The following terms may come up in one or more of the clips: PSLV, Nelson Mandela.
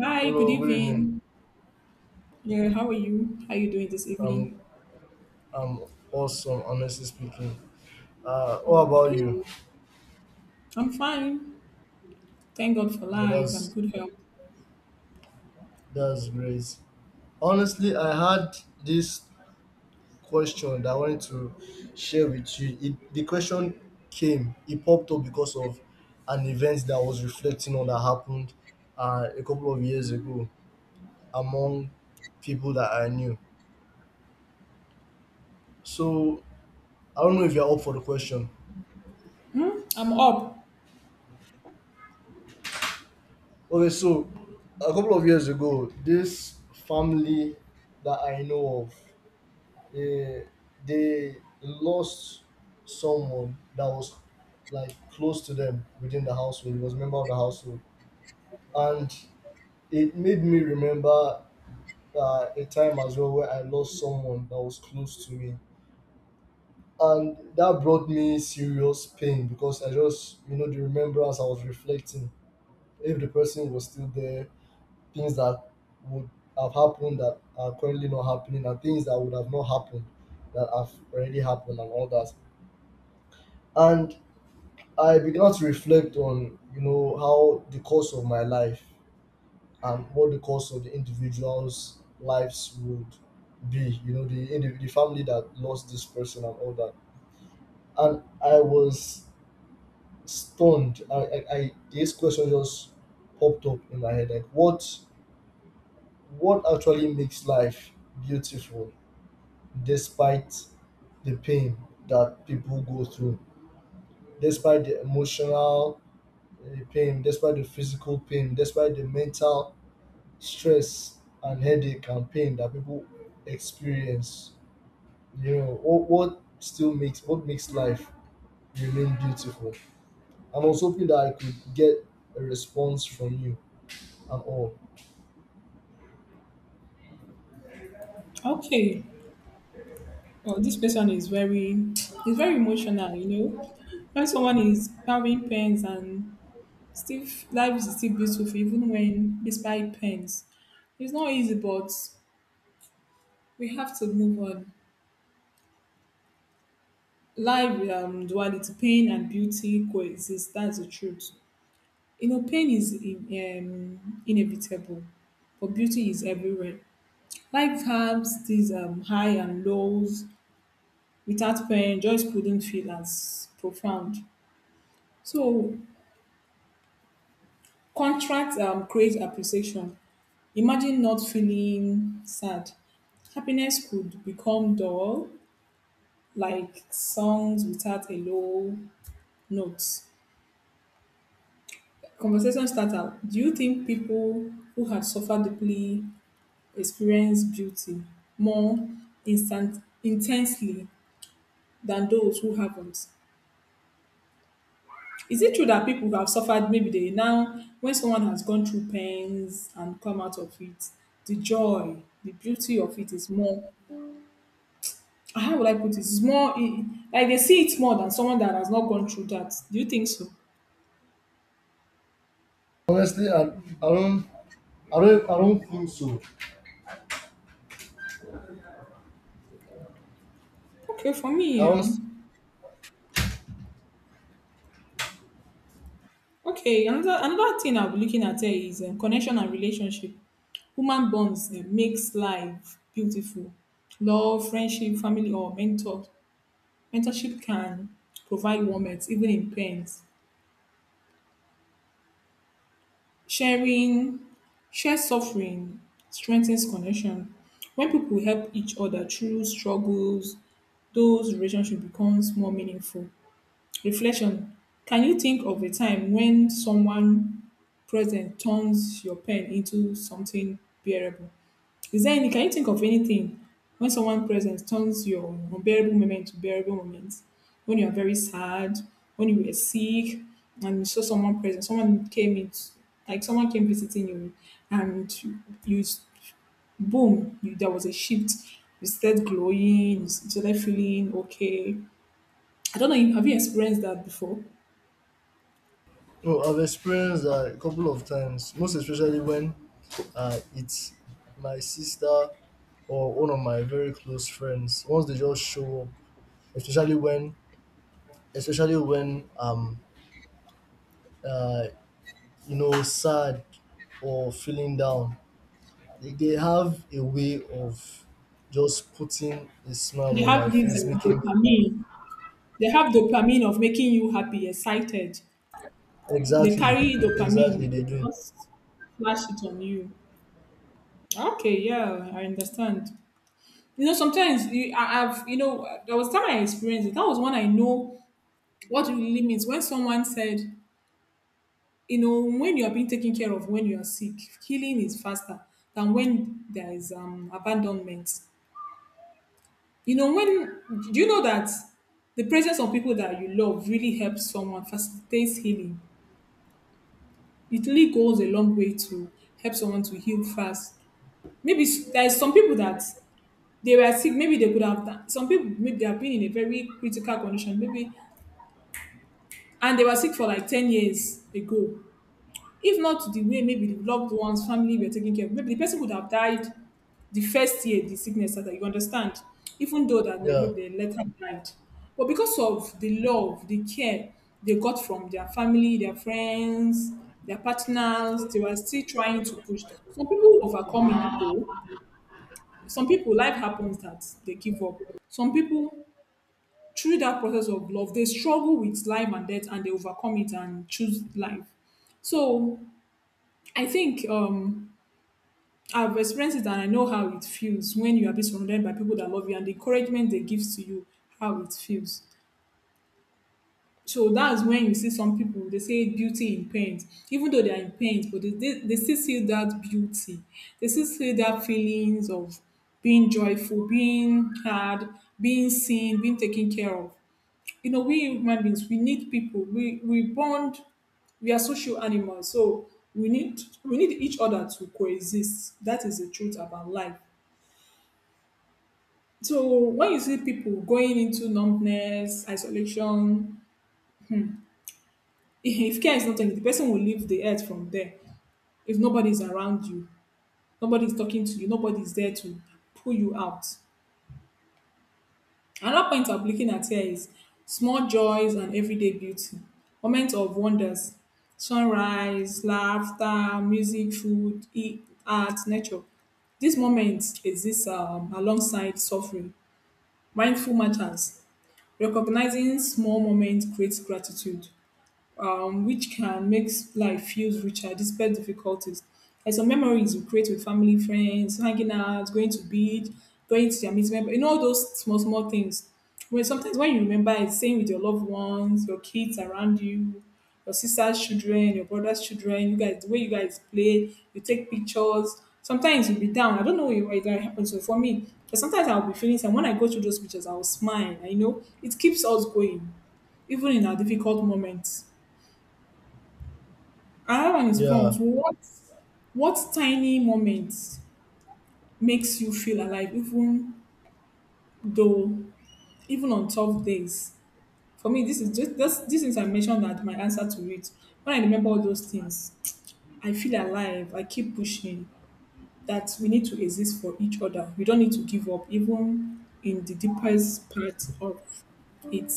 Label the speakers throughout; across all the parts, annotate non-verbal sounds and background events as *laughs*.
Speaker 1: Hi, good
Speaker 2: Hello, good evening.
Speaker 1: evening. Yeah, how are you? How are you doing this
Speaker 2: I'm
Speaker 1: evening?
Speaker 2: I'm awesome, honestly speaking. What about you?
Speaker 1: Okay, I'm fine. Thank God for
Speaker 2: Yeah,
Speaker 1: life and
Speaker 2: That's
Speaker 1: good health.
Speaker 2: that's great. Honestly, I had this question that I wanted to share with you. The question came, it popped up because of an event that I was reflecting on that happened a couple of years ago among people that I knew. So I don't know if you're up for the question.
Speaker 1: Hmm? I'm up.
Speaker 2: Okay, so a couple of years ago, this family that I know of, eh, they lost someone that was like close to them within the household. He was a member of the household, and it made me remember a time as well where I lost someone that was close to me, and that brought me serious pain, because I just, the remembrance, I was reflecting if the person was still there, things that would have happened that are currently not happening and things that would have not happened that have already happened and all that. And I began to reflect on how the course of my life and what the course of the individual's lives would be, the family that lost this person and all that. And I was stunned. I This question just popped up in my head, like what actually makes life beautiful despite the pain that people go through, despite the emotional pain, despite the physical pain, despite the mental stress and headache and pain that people experience. You know, what makes life remain beautiful. And I was hoping that I could get a response from you and all.
Speaker 1: Okay. Oh, this person is very emotional. You know, when someone is having pains and still life is still beautiful, even when despite pains, it's not easy. But we have to move on. Life, duality, pain and beauty coexist. That's the truth. You know, pain is inevitable, but beauty is everywhere. Life has these high and lows. Without pain, joy couldn't feel as profound. So, contrast creates appreciation. Imagine not feeling sad. Happiness could become dull, like songs without a low note. Conversation starter. Do you think people who had suffered deeply experience beauty more instant intensely than those who haven't? Is it true that people who have suffered, maybe they now, when someone has gone through pains and come out of it, the joy, the beauty of it is more, how would I put it? It's like they see it more than someone that has not gone through that. Do you think so?
Speaker 2: Honestly, don't I don't think so.
Speaker 1: Okay, for
Speaker 2: I
Speaker 1: me, yeah.
Speaker 2: honestly.
Speaker 1: Okay, another thing I'll be looking at here is connection and relationship. Human bonds makes life beautiful. Love, friendship, family, or mentorship can provide warmth even in pains. Sharing, share suffering strengthens connection. When people help each other through struggles, those relationship becomes more meaningful. Reflection. Can you think of a time when someone present turns your pain into something bearable? Is there any can you think of anything when someone present turns your unbearable moment to bearable moment? When you're very sad, when you were sick, and you saw someone present, someone came in like someone came visiting you and you boom, there was a shift. You started glowing, you started feeling okay. I don't know, have you experienced that before?
Speaker 2: Oh, I've experienced that a couple of times, most especially when it's my sister or one of my very close friends. Once they just show up, especially when, especially when uh sad or feeling down, they have a way of just putting a
Speaker 1: They
Speaker 2: smile on
Speaker 1: have
Speaker 2: my
Speaker 1: this
Speaker 2: face, making me laugh.
Speaker 1: dopamine. They have dopamine of making you happy, excited. They
Speaker 2: Exactly,
Speaker 1: carry
Speaker 2: exactly,
Speaker 1: dopamine
Speaker 2: they
Speaker 1: to
Speaker 2: do.
Speaker 1: just flash it on you. Okay, yeah, I understand. You know, sometimes you, I, I've, you know, there was time I experienced it. That was when I know what it really means. When someone said, you know, when you are being taken care of when you are sick, healing is faster than when there is abandonment. You know, when do you know that the presence of people that you love really helps someone facilitates healing? It really goes a long way to help someone to heal fast. There is some people that they were sick, maybe they could have done some people maybe they have been in a very critical condition, maybe and they were sick for like 10 years ago. If not the way maybe the loved ones, family were taking care of, maybe the person would have died the first year the sickness started. You understand? Even though that
Speaker 2: Yeah,
Speaker 1: maybe they later died. But because of the love, the care they got from their family, their friends, their partners, they were still trying to push. Some people overcome it though. Some people, life happens that they give up. Some people, through that process of love, they struggle with life and death and they overcome it and choose life. So I think I've experienced it and I know how it feels when you are being surrounded by people that love you and the encouragement they give to you, how it feels. So that's when you see some people, they say beauty in paint, even though they are in paint, but they still see that beauty. They still see that feelings of being joyful, being heard, being seen, being taken care of. You know, we human beings, we need people. We bond we are social animals so we need each other to coexist. That is the truth about life. So when you see people going into numbness, isolation, *laughs* if care is not taken, the person will leave the earth from there. If nobody is around you, nobody is talking to you, nobody is there to pull you out. Another point I'm looking at here is small joys and everyday beauty, moments of wonders, sunrise, laughter, music, food, eat, art, nature. These moments exist alongside suffering, mindful matters. Recognizing small moments creates gratitude which can make life feels richer despite difficulties. Like some memories you create with family, friends, hanging out, going to beach, going to the amusement, you know all those small small things. When sometimes when you remember it, staying with your loved ones, your kids around you, your sister's children, your brother's children, you guys, the way you guys play, you take pictures. Sometimes you'll be down. I don't know why that happens. So for me, but sometimes I'll be feeling and when I go through those pictures, I'll smile. I know it keeps us going, even in our difficult moments. Another one is
Speaker 2: yeah.
Speaker 1: prompt. What tiny moment makes you feel alive though even on tough days? For me, this is just this these things I mentioned that my answer to it. When I remember all those things, I feel alive. I keep pushing. That we need to exist for each other. We don't need to give up, even in the deepest part of it.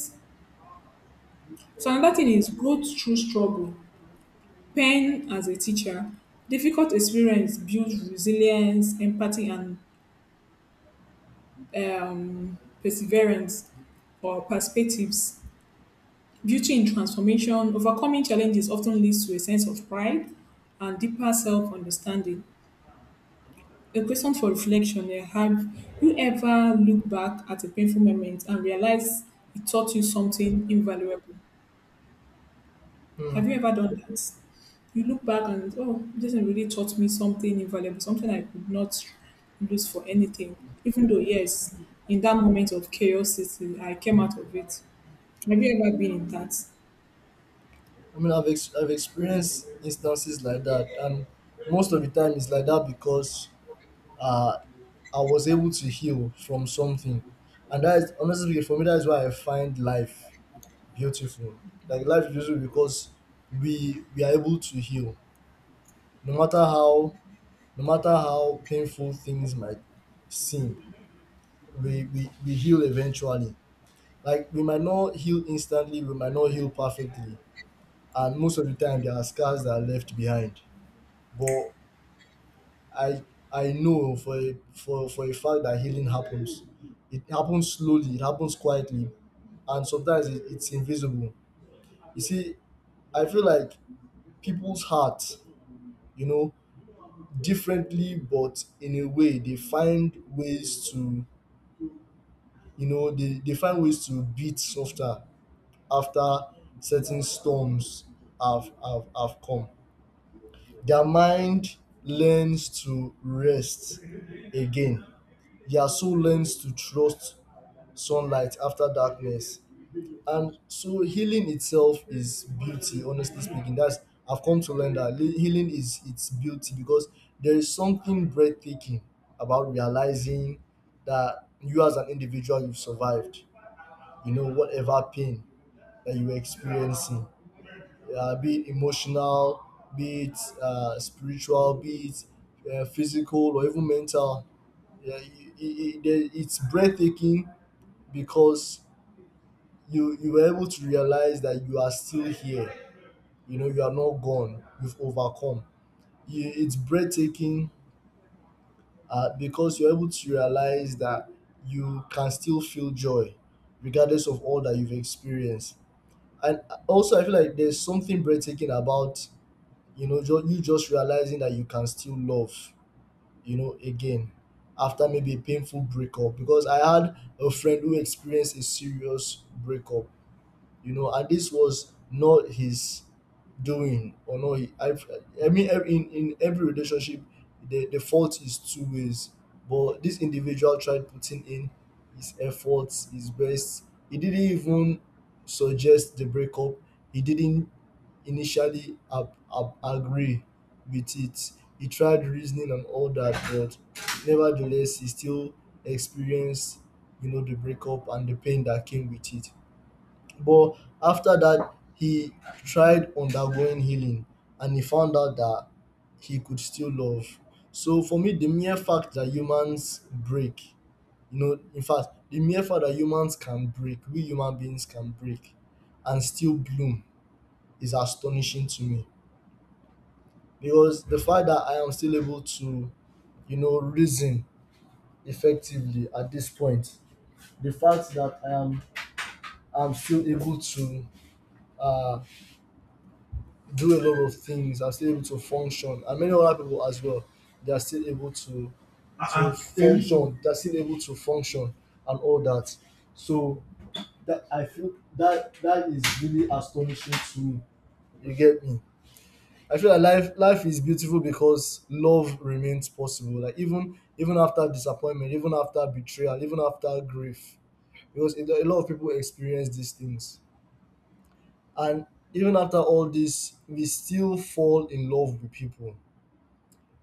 Speaker 1: So another thing is go through struggle. Pain as a teacher, difficult experience builds resilience, empathy, and um, perseverance or perspectives. Beauty in transformation, overcoming challenges often leads to a sense of pride and deeper self understanding. A question for reflection. Have you ever looked back at a painful moment and realized it taught you something invaluable? Have you
Speaker 2: Hmm.
Speaker 1: ever done that? You look back and oh, this thing really taught me something invaluable, something I could not lose for anything. Even though yes, in that moment of curiosity, I came out of it. Have you ever been in that?
Speaker 2: I mean, I've experienced instances like that, and most of the time it's like that because uh, I was able to heal from something, and that is, honestly speaking, for me, that is why I find life beautiful. Like, life is beautiful because we are able to heal, no matter how no matter how painful things might seem. We heal eventually. Like, we might not heal instantly, we might not heal perfectly, and most of the time there are scars that are left behind. But I I know for a fact that healing happens. It happens slowly. It happens quietly, and sometimes it's invisible. You see, I feel like people's hearts, you know, differently, but in a way they find ways to, they find ways to beat softer after certain storms have come. Their mind learns to rest again. Their soul learns to trust sunlight after darkness. And so healing itself is beauty, honestly speaking. That's I've come to learn that healing is its beauty, because there is something breathtaking about realizing that you, as an individual, you've survived, whatever pain that you were experiencing, be it emotional, be it spiritual, be it physical, or even mental. Yeah, it's breathtaking because you were able to realize that you are still here. You know, you are not gone. You've overcome. It's breathtaking because you're able to realize that you can still feel joy, regardless of all that you've experienced. And also, I feel like there's something breathtaking about you just realizing that you can still love again after maybe a painful breakup, because I had a friend who experienced a serious breakup, and this was not his doing or not. I mean, in every relationship, the fault is two ways. But this individual tried putting in his efforts, his best. He didn't even suggest the breakup. He didn't initially agree with it. He tried reasoning and all that, but nevertheless, he still experienced, the breakup and the pain that came with it. But after that, he tried undergoing healing and he found out that he could still love. So for me, the mere fact that humans break, the mere fact that humans can break, we human beings can break and still bloom, is astonishing to me. Because the fact that I am still able to reason effectively at this point, the fact that I'm still able to uh, do a lot of things, and still able to function, and many other people as well, they are still able to function, and all that, so that I feel that that is really astonishing to me, you get me? I feel like life is beautiful because love remains possible, like even after disappointment, even after betrayal, even after grief, because a lot of people experience these things, and even after all this, we still fall in love with people.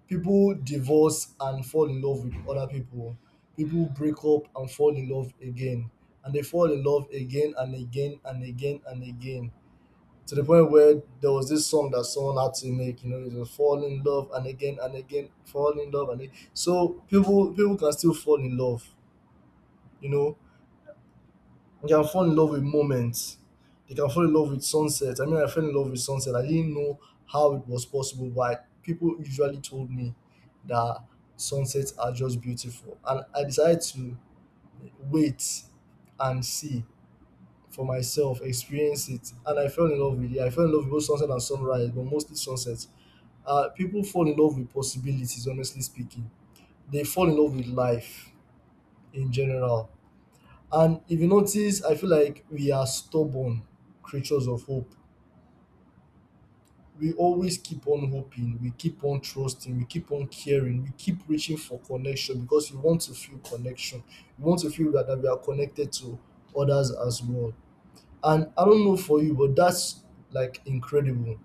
Speaker 2: People divorce and fall in love with other people. People break up and fall in love again. And they fall in love again and again and again and again. To the point where there was this song that someone had to make, you know, it was fall in love and again, fall in love and again. So people can still fall in love, you know. You can fall in love with moments. You can fall in love with sunset. I mean, I fell in love with sunset. I didn't know how it was possible, but people usually told me that sunsets are just beautiful. And I decided to wait and see for myself, experience it. And I fell in love with it. I fell in love with both sunset and sunrise, but mostly sunset. People fall in love with possibilities, honestly speaking. They fall in love with life in general. And if you notice, I feel like we are stubborn creatures of hope. We always keep on hoping, we keep on trusting, we keep on caring, we keep reaching for connection because we want to feel connection. We want to feel that we are connected to others as well. And I don't know for you, but that's, like, incredible.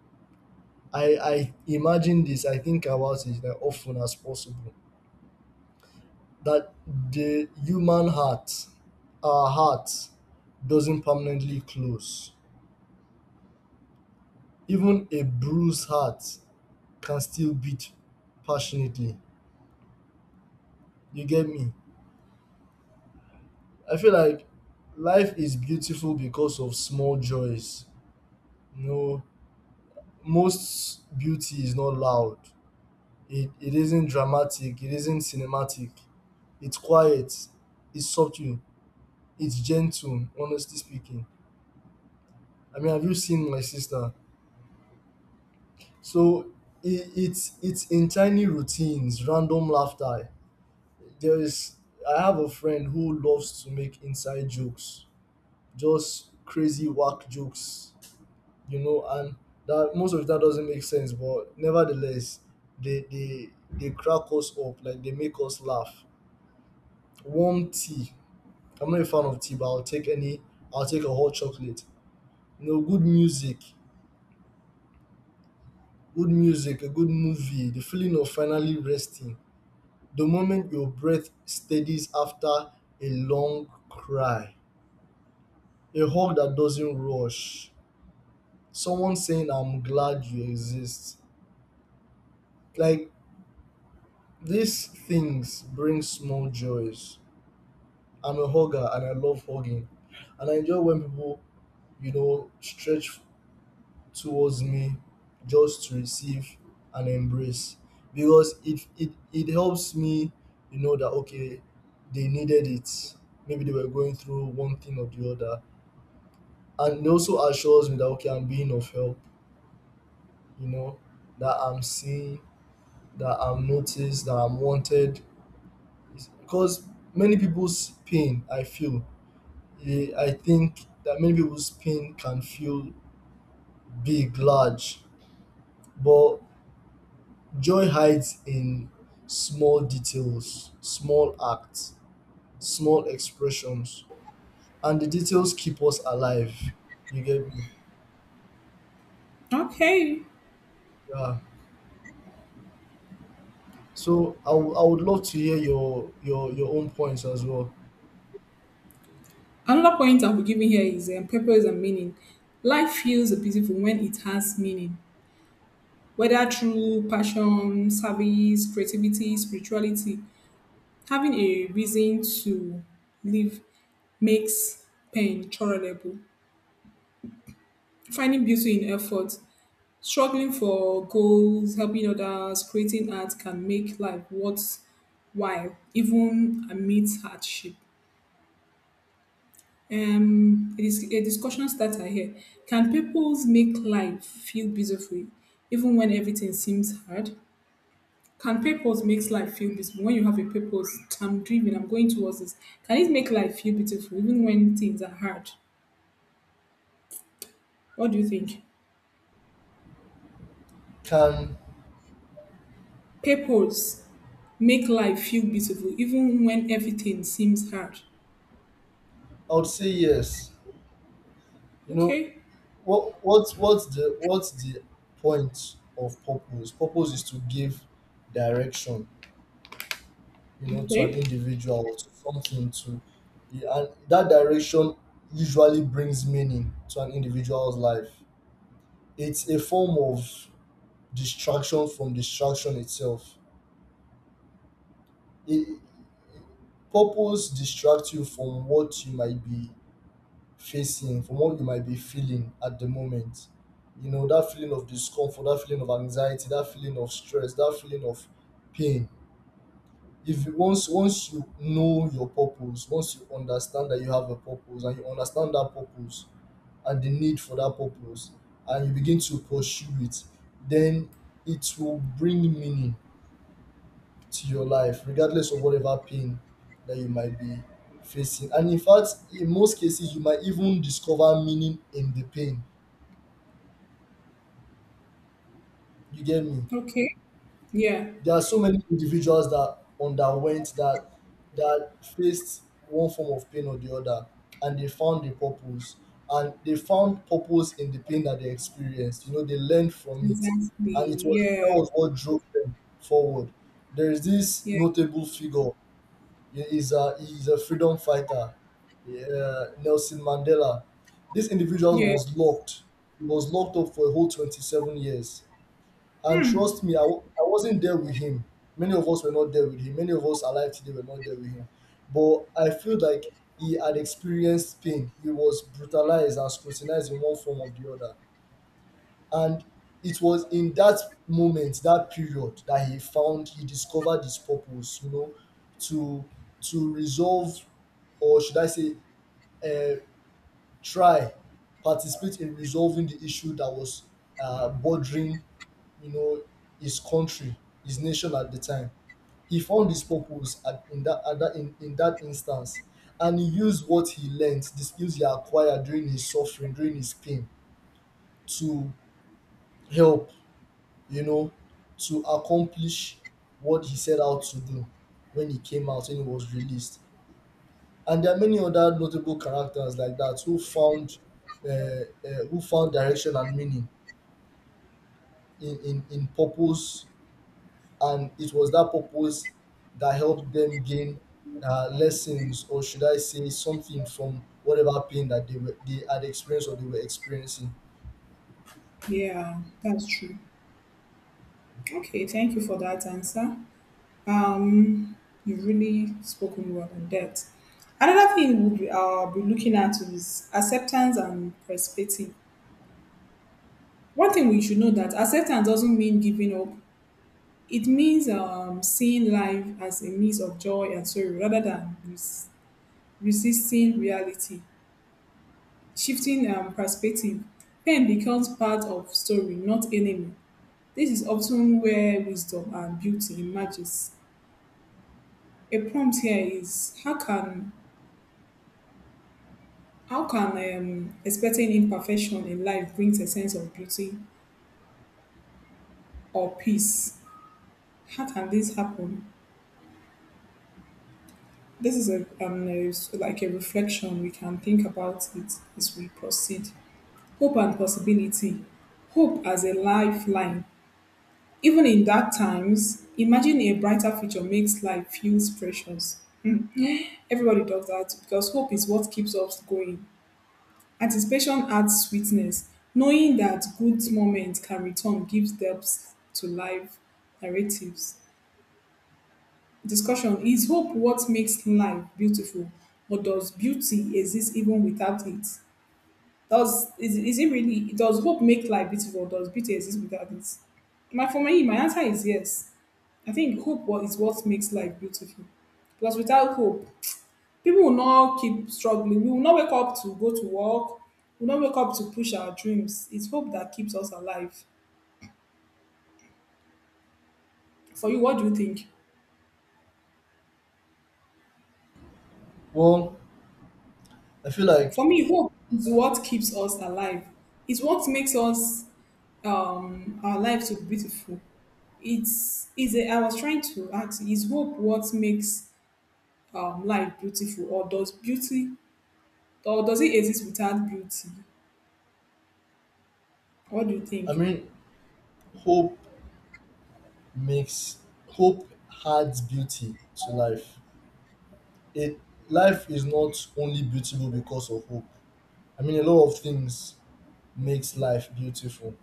Speaker 2: I imagine this, I think about it as often as possible. That the human heart, our heart, doesn't permanently close. Even a bruised heart can still beat passionately, you get me? I feel like life is beautiful because of small joys you know Most beauty is not loud. It isn't dramatic, it isn't cinematic, it's quiet, it's subtle, it's gentle, honestly speaking. I mean, have you seen my sister? So it's in tiny routines, random laughter. There is I have a friend who loves to make inside jokes, just crazy whack jokes, and that most of that doesn't make sense, but nevertheless, they crack us up, like they make us laugh. Warm tea. I'm not a fan of tea, but I'll take any. I'll take a hot chocolate. You know, good music, a good movie, the feeling of finally resting, the moment your breath steadies after a long cry, a hug that doesn't rush, someone saying, "I'm glad you exist." Like, these things bring small joys. I'm a hugger and I love hugging. And I enjoy when people, stretch towards me just to receive and embrace, because it helps me, that okay, they needed it. Maybe they were going through one thing or the other. And it also assures me that okay, I'm being of help, you know, that I'm seen, that I'm noticed, that I'm wanted. It's Because many people's pain, I feel, I think that many people's pain can feel big, large, but joy hides in small details, small acts, small expressions, and the details keep us alive. You get me?
Speaker 1: Okay.
Speaker 2: Yeah. So I would love to hear your your own points as well.
Speaker 1: Another point I'll be giving here is purpose and meaning. Life feels beautiful when it has meaning, whether through passion, service, creativity, spirituality. Having a reason to live makes pain tolerable. Finding beauty in effort, struggling for goals, helping others, creating art can make life worthwhile, even amidst hardship. It is a discussion starter here. Can purpose make life feel beautiful, even when everything seems hard? Can purpose makes life feel beautiful? When you have a purpose, I'm driven, I'm going towards this. Can it make life feel beautiful even when things are hard? What do you think?
Speaker 2: Can
Speaker 1: Purpose make life feel beautiful even when everything seems hard.
Speaker 2: I would say yes. You know,
Speaker 1: Okay.
Speaker 2: what's the point of purpose? Purpose is to give direction, you know, to an
Speaker 1: Okay.
Speaker 2: individual or to something to. Yeah, and that direction usually brings meaning to an individual's life. It's a form of distraction from distraction itself. it, Purpose distracts you from what you might be facing, from what you might be feeling at the moment. You know, that feeling of discomfort, that feeling of anxiety, that feeling of stress, that feeling of pain. If you, once you know your purpose, once you understand that you have a purpose and you understand that purpose and the need for that purpose, and you begin to pursue it, then it will bring meaning to your life, regardless of whatever pain that you might be facing. And in fact, in most cases, you might even discover meaning in the pain. You get me?
Speaker 1: Okay. Yeah.
Speaker 2: There are so many individuals that underwent that faced one form of pain or the other, and they found a purpose, and they found purpose in the pain that they experienced. You know, they learned from it, and it
Speaker 1: Exactly.
Speaker 2: was that
Speaker 1: Yeah.
Speaker 2: was what drove them forward. There is this
Speaker 1: Yeah.
Speaker 2: notable figure. He is a freedom fighter, Nelson Mandela. This individual
Speaker 1: Yeah.
Speaker 2: was locked. He was locked up for a whole 27 years, and trust me, I wasn't there with him. Many of us were not there with him. Many of us alive today were not there with him. But I feel like he had experienced pain. He was brutalized and scrutinized in one form or the other. And it was in that moment, that period, that he discovered his purpose, you know, to to resolve, or should I say, uh, try, participate in resolving the issue that was bothering, you know, his country, his nation at the time. He found his purpose at, in that at that in that instance, and he used what he learned, the skills he acquired during his suffering, during his pain, to help, you know, to accomplish what he set out to do when he came out and he was released. And there are many other notable characters like that who found direction and meaning in purpose, and it was that purpose that helped them gain lessons, or should I say something, from whatever pain that they had experienced or they were experiencing.
Speaker 1: Yeah. That's true. Okay. Thank you for that answer. Um, you've really spoken well on that. Another thing we'll be looking at is acceptance and perspective. One thing we should know that acceptance doesn't mean giving up. It means seeing life as a mix of joy and sorrow rather than resisting reality. Shifting perspective, pain becomes part of story, not enemy. This is often where wisdom and beauty emerges. A prompt here is how can expecting imperfection in life brings a sense of beauty or peace? How can this happen? This is like a reflection we can think about it as we proceed. Hope and possibility. Hope as a lifeline. Even in dark times, imagine a brighter future makes life feels precious. Everybody does that because hope is what keeps us going. Anticipation adds sweetness, knowing that good moments can return gives depth to life narratives. Discussion. Is hope what makes life beautiful, or does beauty exist even without it? Does is it really does hope make life beautiful, or does beauty exist without it? My for me, my answer is yes. I think hope is what makes life beautiful. Because without hope, people will not keep struggling, we will not wake up to go to work, we will not wake up to push our dreams. It's hope that keeps us alive. For you, what do you think?
Speaker 2: Well, I feel like
Speaker 1: For me, hope is what keeps us alive. It's what makes us our life so beautiful. It's I was trying to ask, is hope what makes life beautiful, or does beauty, or does it exist without beauty? What do you
Speaker 2: i
Speaker 1: think?
Speaker 2: mean hope hope adds beauty to life. It, life is not only beautiful because of hope. I mean, a lot of things makes life beautiful.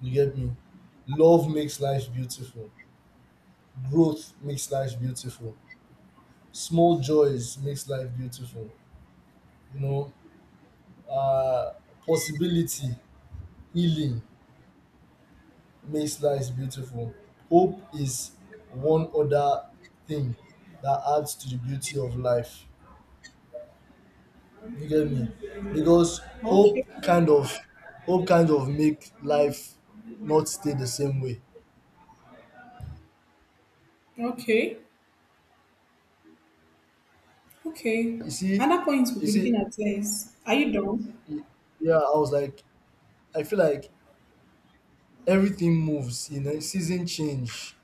Speaker 2: You get me? Love makes life beautiful. Growth makes life beautiful. Small joys makes life beautiful. You know, uh, possibility, healing makes life beautiful. Hope is one other thing that adds to the beauty of life. You get me? Because
Speaker 1: Okay,
Speaker 2: hope kind of hope kind of make life not stay the same way.
Speaker 1: okay. Okay.
Speaker 2: You see,
Speaker 1: Another point we'll
Speaker 2: you
Speaker 1: be looking
Speaker 2: see,
Speaker 1: at is are you done?
Speaker 2: Y- yeah, I was like, I feel like everything moves, you know, season change.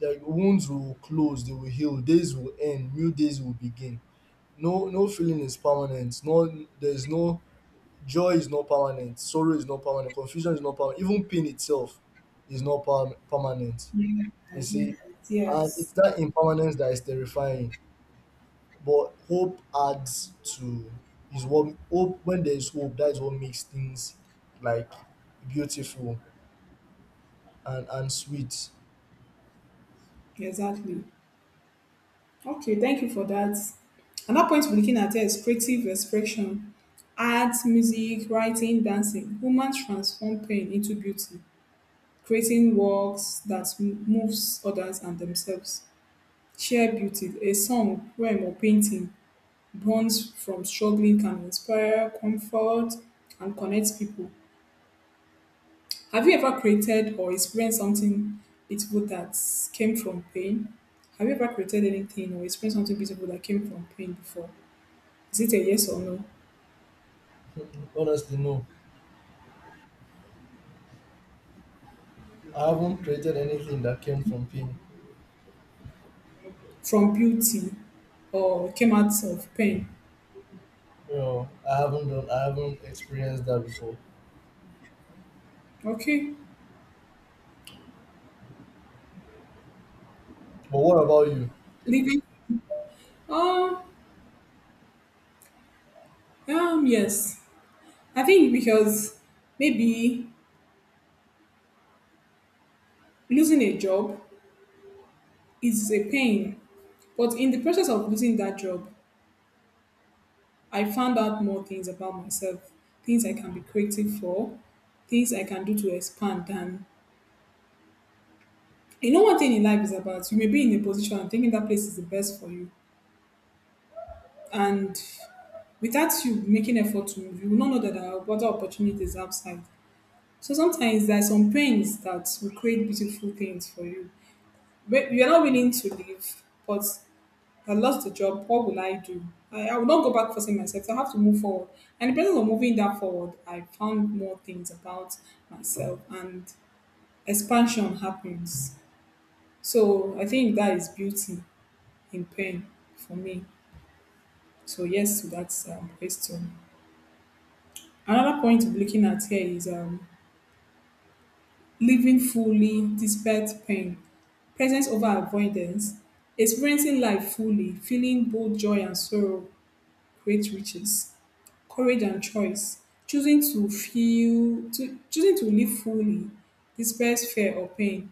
Speaker 2: Like wounds will close, they will heal, days will end, new days will begin. No, no feeling is permanent. No there's no Joy is not permanent, sorrow is not permanent, confusion is not permanent, even pain itself is not permanent.
Speaker 1: Yeah,
Speaker 2: You
Speaker 1: are
Speaker 2: see? And it's
Speaker 1: Yes,
Speaker 2: that impermanence that is terrifying. But hope adds to is what hope when there is hope, that is what makes things like beautiful and sweet.
Speaker 1: exactly. Okay, thank you for that. Another point we're looking at here is creative expression. Art, music, writing, dancing. Women transform pain into beauty, creating works that moves others and themselves. Share beauty. A song, poem, or painting born from struggling can inspire, comfort, and connect people. Have you ever created or experienced something beautiful that came from pain? Have you ever created anything or experienced something beautiful that came from pain before? Is it a yes or no?
Speaker 2: Honestly, no. I haven't created anything that came from pain.
Speaker 1: From beauty or came out of pain?
Speaker 2: You know, I haven't experienced that before.
Speaker 1: Okay.
Speaker 2: But what about you?
Speaker 1: Living? Oh, yes. I think because maybe losing a job is a pain, but in the process of losing that job, I found out more things about myself, things I can be creative for, things I can do to expand. And you know, one thing in life is about you may be in a position and thinking that place is the best for you. And without you making effort to move, you will not know that there are other opportunities outside. So sometimes there are some pains that will create beautiful things for you. But you're not willing to leave, but I lost the job, what will I do? I will not go back forcing myself. So I have to move forward. And in the process of moving that forward, I found more things about myself and expansion happens. So I think that is beauty in pain for me. So yes to that question. Another point we're looking at here is living fully despite pain, presence over avoidance, experiencing life fully, feeling both joy and sorrow, great riches. Courage and choice, choosing to live fully despite fear or pain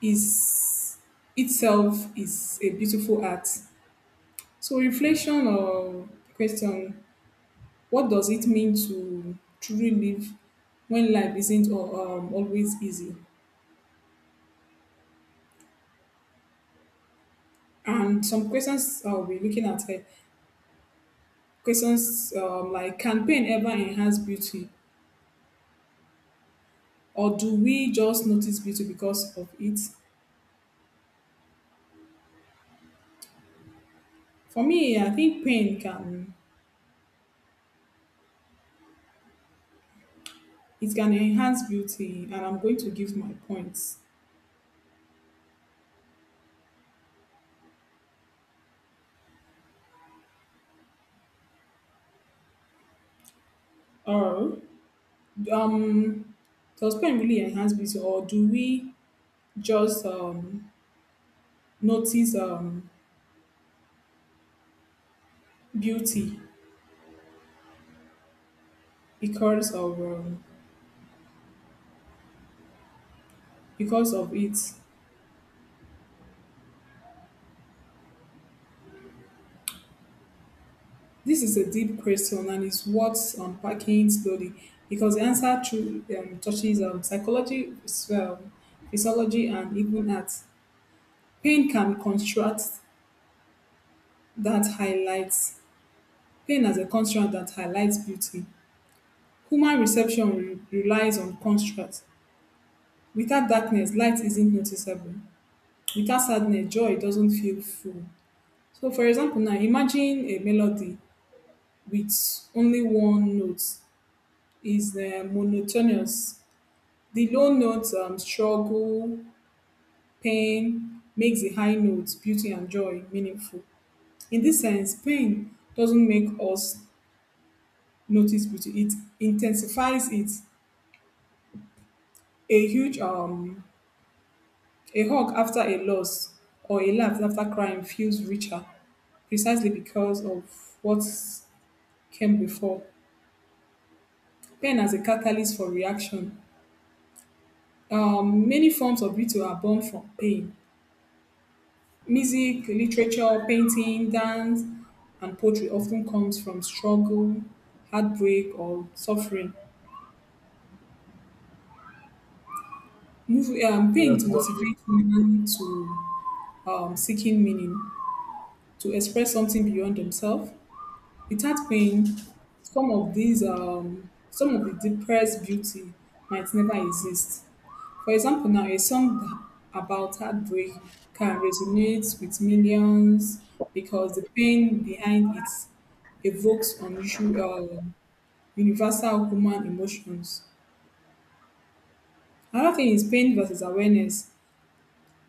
Speaker 1: is itself is a beautiful act. So reflection or question, what does it mean to truly live when life isn't always easy? And some questions I'll be looking at here, questions like, can pain ever enhance beauty, or do we just notice beauty because of it? For me, I think pain can, it can enhance beauty, and I'm going to give my points. Or, um, does pain really enhance beauty, or do we just notice beauty because of um, because of it? This is a deep question, and it's worth unpacking slowly because the answer to touches psychology, um, physiology, and even art. Pain can construct that highlights, pain as a construct that highlights beauty. Human reception relies on constructs. Without darkness, light isn't noticeable. Without sadness, joy doesn't feel full. So for example now, imagine a melody with only one note, is monotonous. The low notes struggle, pain makes the high notes, beauty and joy meaningful. In this sense, pain doesn't make us notice beauty, it intensifies it. a huge um, A hug after a loss or a laugh after crying feels richer, precisely because of what came before. Pain as a catalyst for reaction. Many forms of beauty are born from pain. Music, literature, painting, dance, and poetry often comes from struggle, heartbreak, or suffering.
Speaker 2: Yeah,
Speaker 1: Pain
Speaker 2: totally
Speaker 1: motivates women to seeking meaning, to express something beyond themselves. Without pain, some of the depressed beauty might never exist. For example now, a song about heartbreak can resonate with millions because the pain behind it evokes unusual universal human emotions. Another thing is pain versus awareness.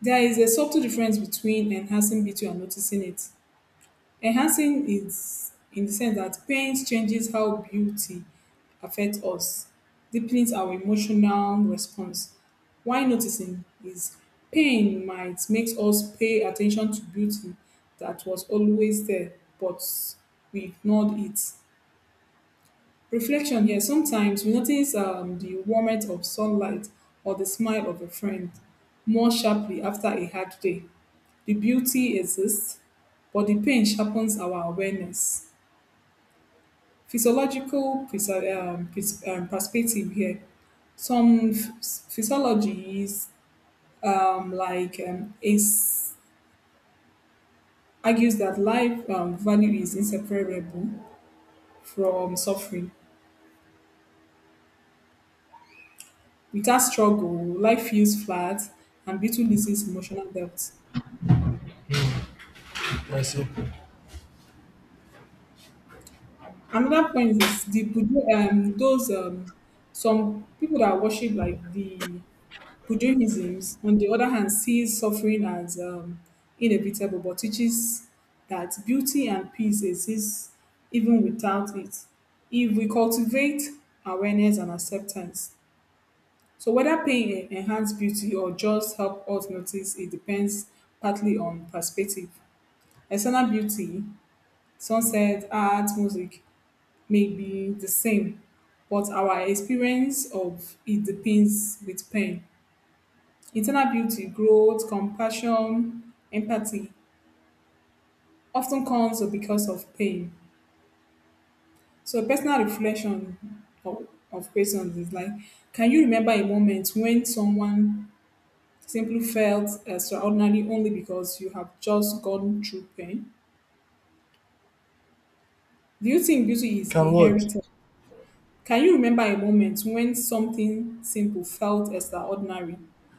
Speaker 1: There is a subtle difference between enhancing beauty and noticing it. Enhancing is in the sense that paint changes how beauty affects us, deepens our emotional response. Why noticing is, pain might make us pay attention to beauty that was always there, but we ignored it. Reflection here. Sometimes we notice the warmth of sunlight or the smile of a friend more sharply after a hard day. The beauty exists, but the pain sharpens our awareness. Physiological perspective here. Some physiologies, like is, argues that life value is inseparable from suffering. Without struggle, life feels flat and Beetle loses emotional depth.
Speaker 2: get myself.
Speaker 1: Another point is the Buddha, those some people that worship like the Buddhisms, on the other hand, sees suffering as inevitable, but teaches that beauty and peace exist even without it. If we cultivate awareness and acceptance, so whether pain enhance beauty or just help us notice, it depends partly on perspective. External beauty, sunset, art, music may be the same, but our experience of it depends with pain. Internal beauty, growth, compassion, empathy, often comes because of pain. So personal reflection of questions is like, can you remember a moment when someone simply felt extraordinary only because you have just gone through pain? Do you think beauty is
Speaker 2: Can what?
Speaker 1: inherited? Can you remember a moment when something simple felt extraordinary?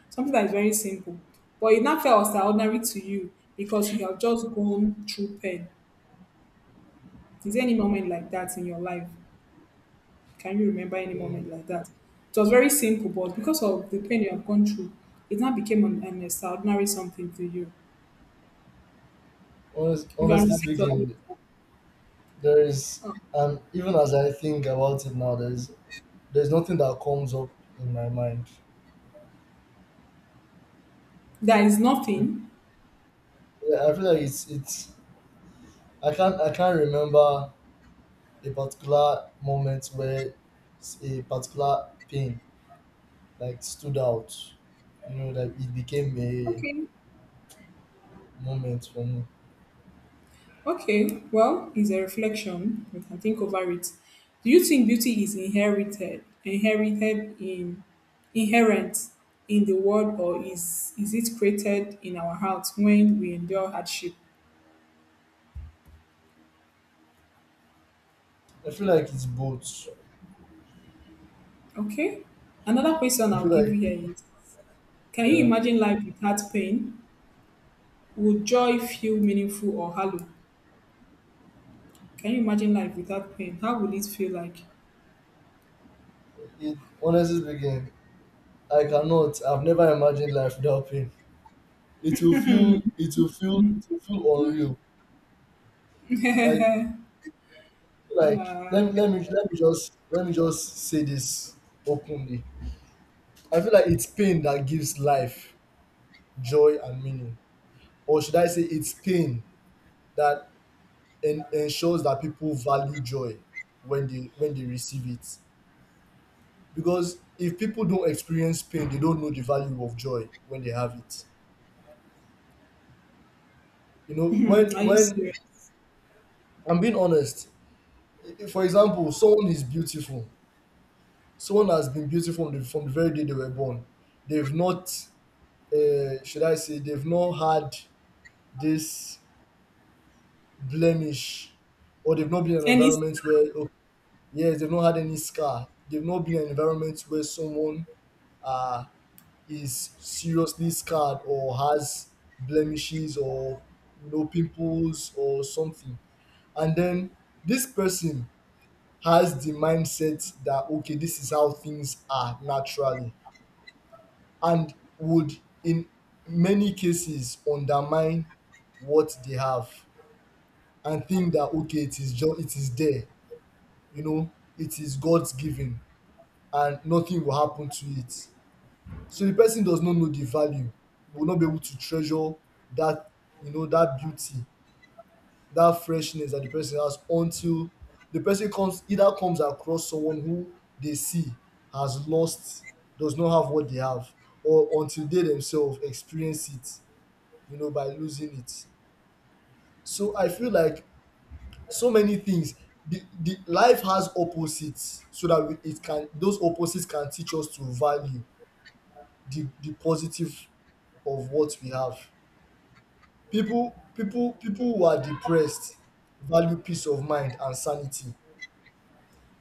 Speaker 1: Something that is very simple, but it now felt extraordinary to you because you have just gone through pain. Is there any moment like that in your life? Can you remember any
Speaker 2: Mm,
Speaker 1: moment like that? It was very simple, but because of the pain you have gone through, it now became an extraordinary something to you. You can
Speaker 2: honestly
Speaker 1: reflect on it.
Speaker 2: speaking, there is, and even as I think about it now, there's nothing that comes up in my mind.
Speaker 1: There is nothing.
Speaker 2: Yeah, I feel like it's I can't remember a particular moment where a particular pain like stood out. You know, like it became a
Speaker 1: Okay.
Speaker 2: moment for me.
Speaker 1: Okay, well, it's a reflection. We can think over it. Do you think beauty is inherited, inherent in the world, or is it created in our hearts when we endure hardship?
Speaker 2: I feel like it's both.
Speaker 1: Okay. Another question
Speaker 2: I feel
Speaker 1: I'll give you
Speaker 2: like
Speaker 1: here is: can you
Speaker 2: yeah.
Speaker 1: imagine life without pain? Would joy feel meaningful or hollow? Can you imagine life without pain? How would it feel like?
Speaker 2: It, honestly speaking, I cannot. I've never imagined life without pain. It will feel unreal. Like,
Speaker 1: *laughs*
Speaker 2: let me just say this openly, I feel like it's pain that gives life joy and meaning. Or should I say it's pain that ensures that people value joy when they receive it. Because if people don't experience pain, they don't know the value of joy when they have it. You know,
Speaker 1: Are you
Speaker 2: when
Speaker 1: serious?
Speaker 2: I'm being honest, for example, someone is beautiful. Someone has been beautiful from from the very day they were born. They've not, should I say, they've not had this blemish, or they've not been in an
Speaker 1: And it's
Speaker 2: environment where, oh, yes, they've not had any scar, they've not been in an environment where someone uh is seriously scarred or has blemishes, or you know, pimples or something, and then this person has the mindset that okay, this is how things are naturally, and would in many cases undermine what they have, and think that okay, it is just it is there, you know, it is God's giving and nothing will happen to it. So the person does not know the value, will not be able to treasure that, you know, that beauty, that freshness that the person has, until the person comes across someone who they see has lost, does not have what they have, or until they themselves experience it, you know, by losing it. So I feel like so many things, the life has opposites so that we, it can those opposites can teach us to value the positive of what we have. People people who are depressed value peace of mind and sanity.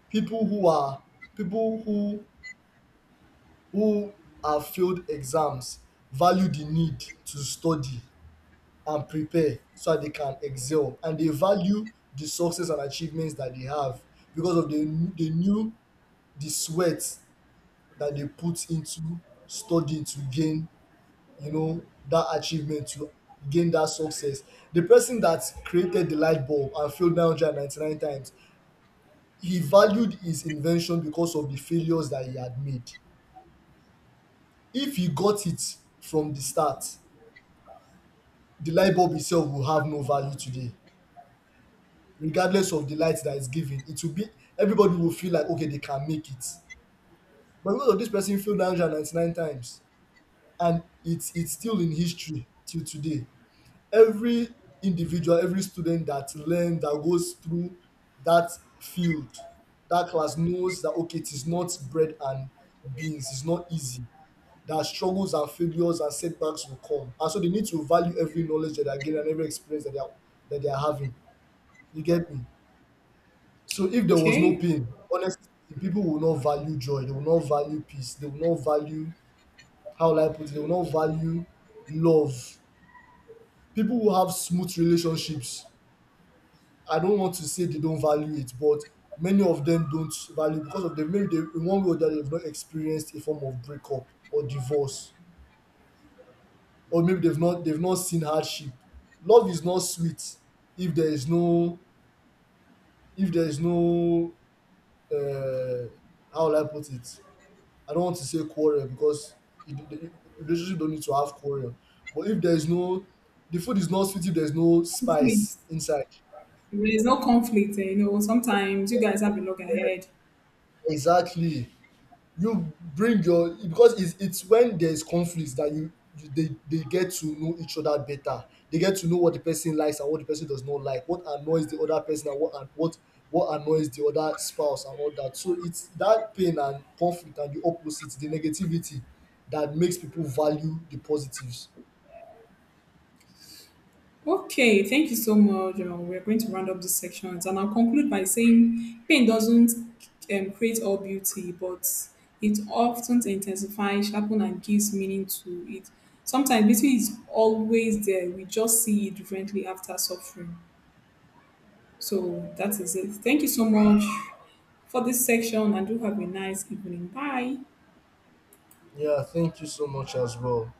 Speaker 2: people who are people who have failed exams value the need to study and prepare so that they can excel, and they value the success and achievements that they have because of the new the sweat that they put into studying to gain, you know, that achievement, to gain that success. The person that created the light bulb and failed 999 times, he valued his invention because of the failures that he had made. If he got it from the start, the light bulb itself will have no value today. Regardless of the light that is given, it will be everybody will feel like okay, they can make it. But because of this, person failed 999 times, and it's still in history till today. Every individual, every student that goes through that field, that class, knows that okay, it is not bread and beans, it's not easy. That struggles and failures and setbacks will come. And so they need to value every knowledge that they are getting and every experience that they are having. You get me? So if there was no
Speaker 1: okay.
Speaker 2: pain, honestly, people will not value joy, they will not value peace, they will not value, how will I put it, they will not value love. People who have smooth relationships, I don't want to say they don't value it, but many of them don't value because of them, maybe they, in one way or the other, they've not experienced a form of breakup or divorce, or maybe they've not seen hardship. Love is not sweet if there is no, if there is no uh, how will I put it, I don't want to say quarrel because it, the relationship don't need to have quarrel, but if there is no, the food is not sweet if there's no spice
Speaker 1: Conflict.
Speaker 2: inside.
Speaker 1: There's no conflict, eh, you know. Sometimes you guys have a log ahead.
Speaker 2: Exactly, you bring your, because it's when there's conflict that you they get to know each other better. They get to know what the person likes and what the person does not like, what annoys the other person, and what annoys the other spouse and all that. So it's that pain and conflict and the opposite, the negativity, that makes people value the positives.
Speaker 1: Okay, thank you so much. We're going to round up this section, and I'll conclude by saying pain doesn't create all beauty, but it often intensifies, sharpens, and gives meaning to it. Sometimes beauty is always there. We just see it differently after suffering. So that is it. Thank you so much for this section, and do have a nice evening. Bye.
Speaker 2: Yeah, thank you so much as well.